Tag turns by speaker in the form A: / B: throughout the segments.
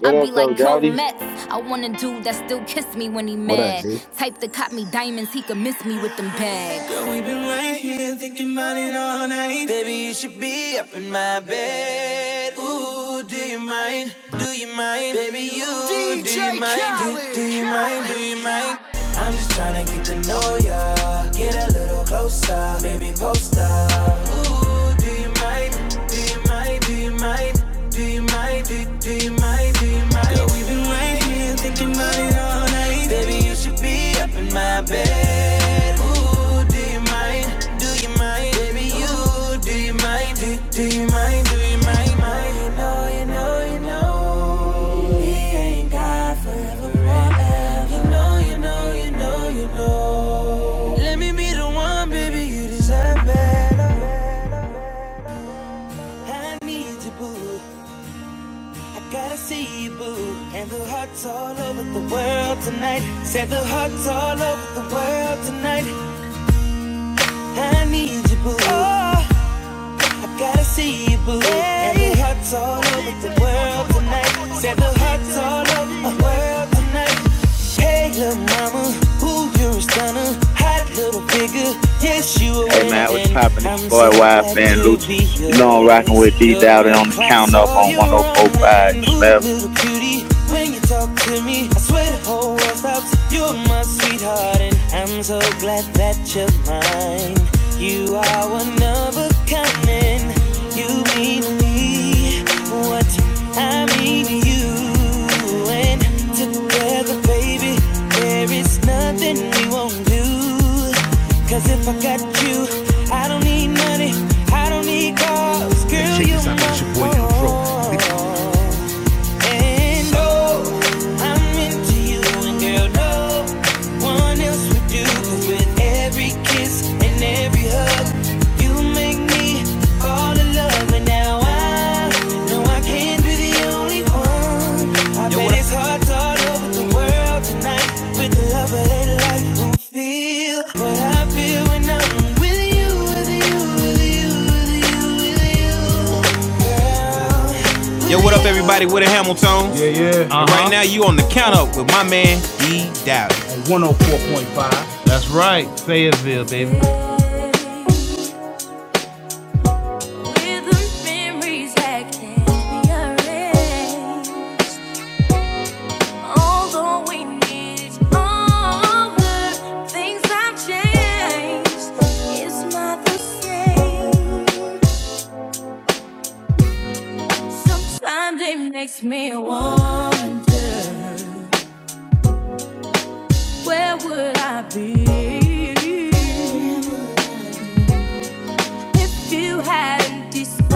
A: What up, though, Dowdy?
B: What up, G?
C: But we've been right here thinking about it all night. Baby, you should be up in my bed. Ooh, do you mind? Do you mind? Baby, you do mind? Do you mind? Do you mind? I'm just tryna get to know ya. Get a little closer, baby, post up. Ooh, do you mind? Do you mind? Do you mind? Do you mind? Do, do you mind? Do you mind? Girl, we've been right here thinking about it all night. Baby, you should be up in my bed. Ooh, do you mind? Do you mind? Baby, you do you mind? Do, do you mind? Do you mind? mind? You know, you know, you know. He ain't God forever. ever. You know, you know, you know, you know. Let me be the one, baby. You deserve better. I need you, boo. I gotta see you, boo. And the hearts all over the world tonight. Said the hearts all over the world tonight. I need you, boo. Oh. I gotta see you blue. And the hearts all over the world tonight. Said the hearts all over the world tonight. Hey, little mama, who you're a stunner. Hot little figure, yes, you a Hey man, what's poppin'? i It's boy so Wild Fan to You know I'm rockin' with D out there on the count up on 104.5 left. when you talk to me, I swear the whole the world stops, you're my sweetheart, and I'm so glad that you're mine. You are one of a kind, and you mean me what I mean to you. And together, baby, there is nothing we won't do. Cause if I got you, I don't need money, I don't need cars. Girl, you're this out, my it's no, no Yo, what up? everybody? what a Hamilton. Uh-huh. Right now, you on the count up with my man, D. Dowdy. on 104.5. Makes me wonder where would I be If you hadn't discovered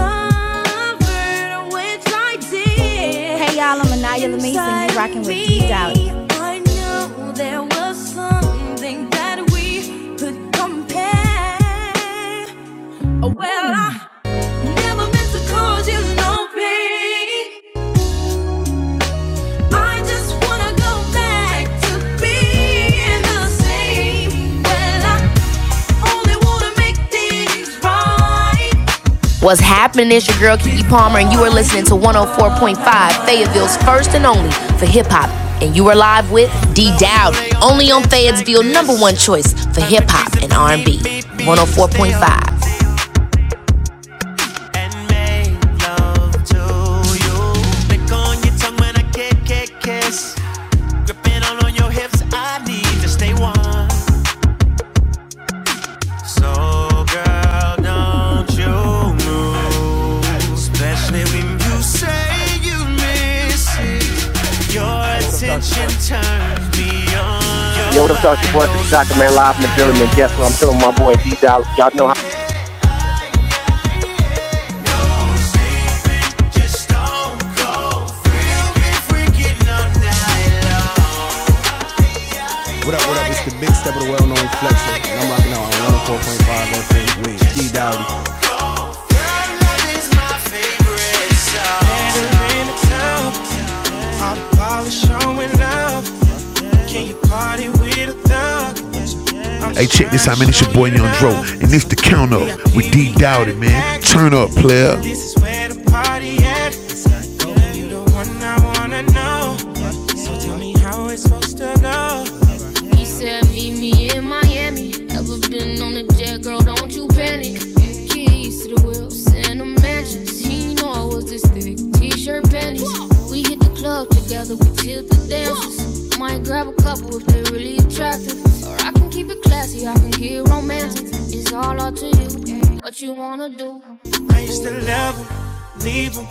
C: which I did Hey y'all, I'm Anaya Lamisa and you are rocking with D Doubt. me, Oh, well, no Well, right. What's happening? It's your girl Kiki Palmer, and you are listening to 104.5 Fayetteville's first and only for hip hop. And you are live with D Dowd, only on Fayetteville number one choice for hip hop and R&B. 104.5. Gripping all on your hips, I need to stay warm. So girl, don't you move, especially when you say you miss it. Your attention turns me on. You're in a tub, I'm probably showing up. Can you party with a thug? Hey, check this out, man. It's your boy you Young Dro, and it's the count up with VIP, D Dowdy, man. Turn up, player. This is where the party at. So you the one I wanna know. So tell me how it's supposed to go. He said, Meet me in Miami. Ever been on a jet, girl? Don't you panic. Keys to the wheels and the mansions. He know I was this thick. T-shirt panties. We hit the club together. We tilt the dancers. Might grab a couple if they are really attractive. Or I can keep it classy. I can get romantic. It's all up to you. What you wanna do? I used to love him, leave him.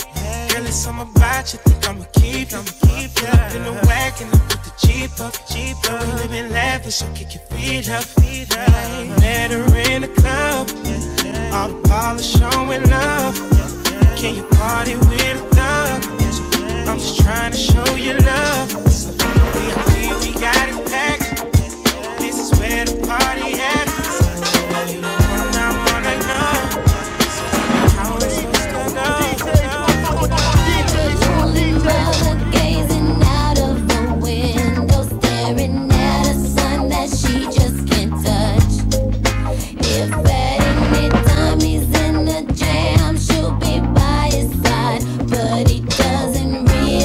C: Girl, it's something about you, think I'ma keep him. Keep up in the wagon, I put the Jeep up, Jeep up. We living lavish, so kick your feet up, Met her in the club, all the polish showing love. Can you party with a thug? I'm just trying to show you love. VIP, we got it packed. This is where the party at. So I wanna know, know, know. His only mother gazing out of the window, staring at a sun that she just can't touch. If at any time he's in the jam, she'll be by his side. But he doesn't realize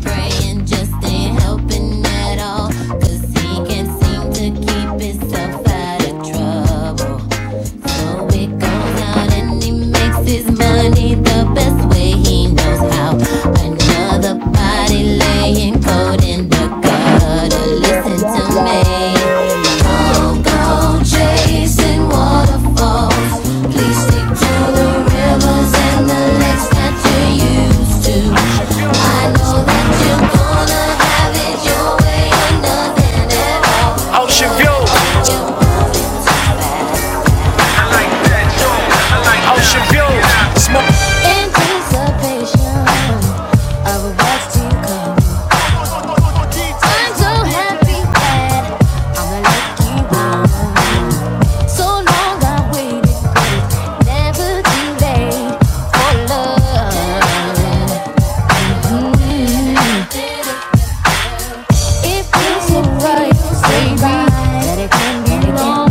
C: praying just ain't helping at all, 'cause he can't seem to keep it afloat. But I gotta listen to. Go chasing waterfalls. Please stick to the rivers and the lakes that you're used to. I know that you're gonna have it your way and nothing at all. Anticipation of what's to come. I'm so happy that I'm lucky one. So long I waited, never too late for love. Mm. If it's alright, baby, that it can be wrong.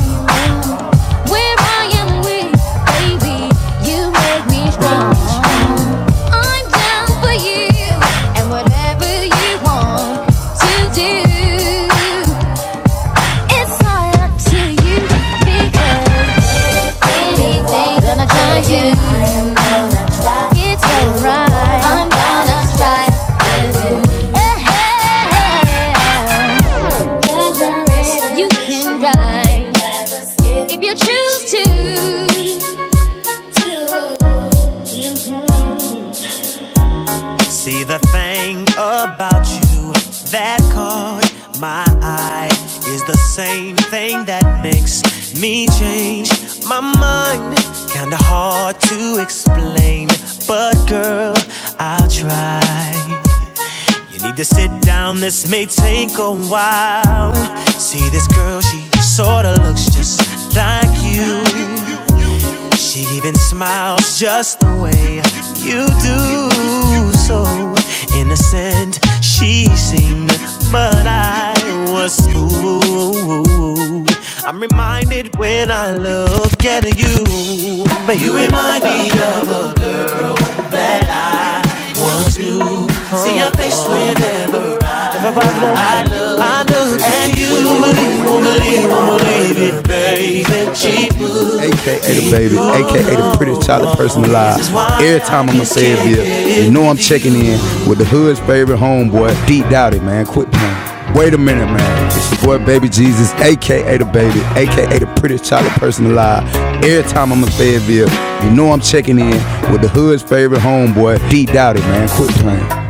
C: Where I am weak, baby, you make me strong. I'm down for you and whatever you want to do. It's all up to you because anything gonna try you. It's alright. I'm gonna try. Hey, you can ride. if you choose to. See the thing about you that caught my eye is the same thing that makes me change my mind. Kinda hard to explain, but girl, I'll try. You need to sit down, this may take a while. See this girl, she sorta looks just like you. She even smiles just the way you do. So innocent she seemed, but I was fooled. I'm reminded when I look at you. But you remind me of us too. See your face whenever I look at you. AKA the baby, AKA the prettiest child person alive. Every time I'ma say it here, you know I'm checking in with the hood's favorite homeboy, Deep Dowdy, man. Quit playing. Wait a minute, man. It's your boy Baby Jesus, aka the baby, aka the prettiest child person alive. Every time I'm in Fayetteville, you know I'm checking in with the hood's favorite homeboy, Deep Dowdy, man. Quit playing.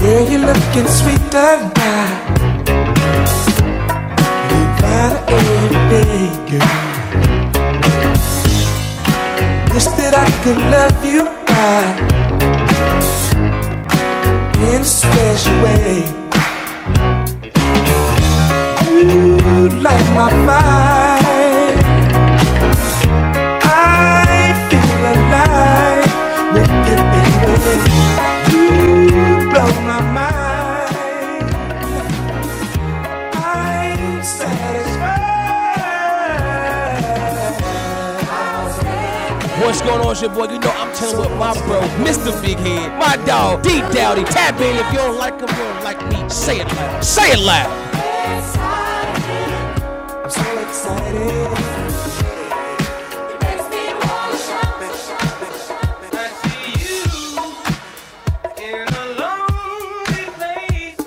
C: Yeah, you're looking sweeter now, baby. You Wish that I could love you right in a special way. Light my fire. I feel alive. Blow my mind. I'm satisfied. On your my dog, deep down, he tapping. Excited. In a lonely place,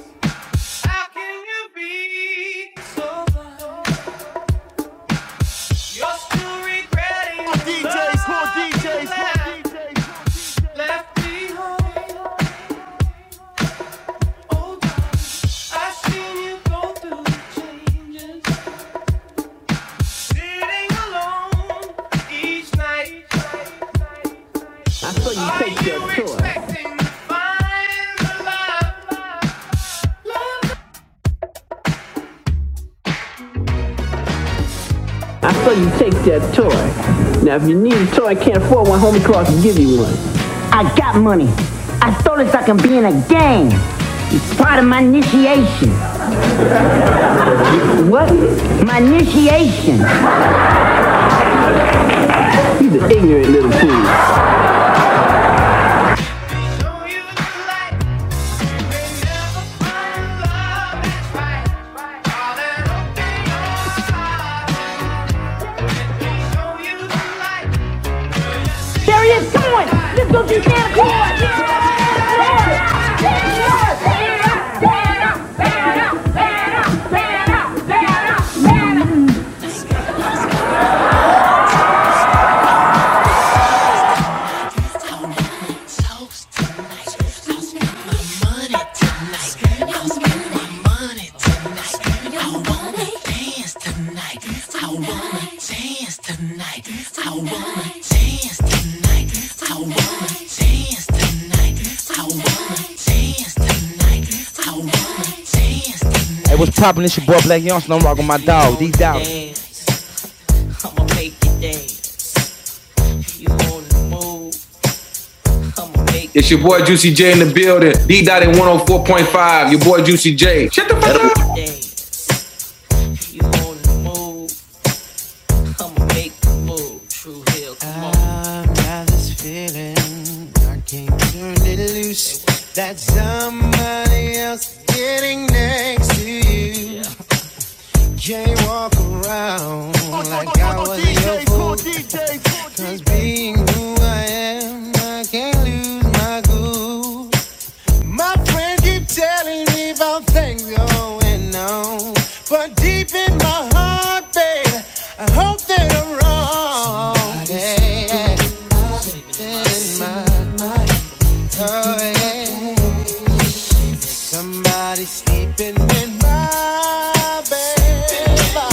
C: how can you be so oh I you saw you take your you I saw you take that toy. Now, if you need a toy, I can't afford one. Homie Clark can give you one. I got me. I stole it like a gang. Part of my initiation. like Deep down. I'ma make it dance. You on the move? I'ma make it dance. You on the move? Come on, make the move, True Hill, come on. I've got this feeling I can't turn it loose. That somebody else is getting next to you. Can't walk around like I was your fool. 'cause being who I am, I can't lose my cool. My friends keep telling me about things going on, but deep in my heart, babe, I hope that I'm wrong. Yeah, in my oh, yeah. Somebody sleeping in my bed.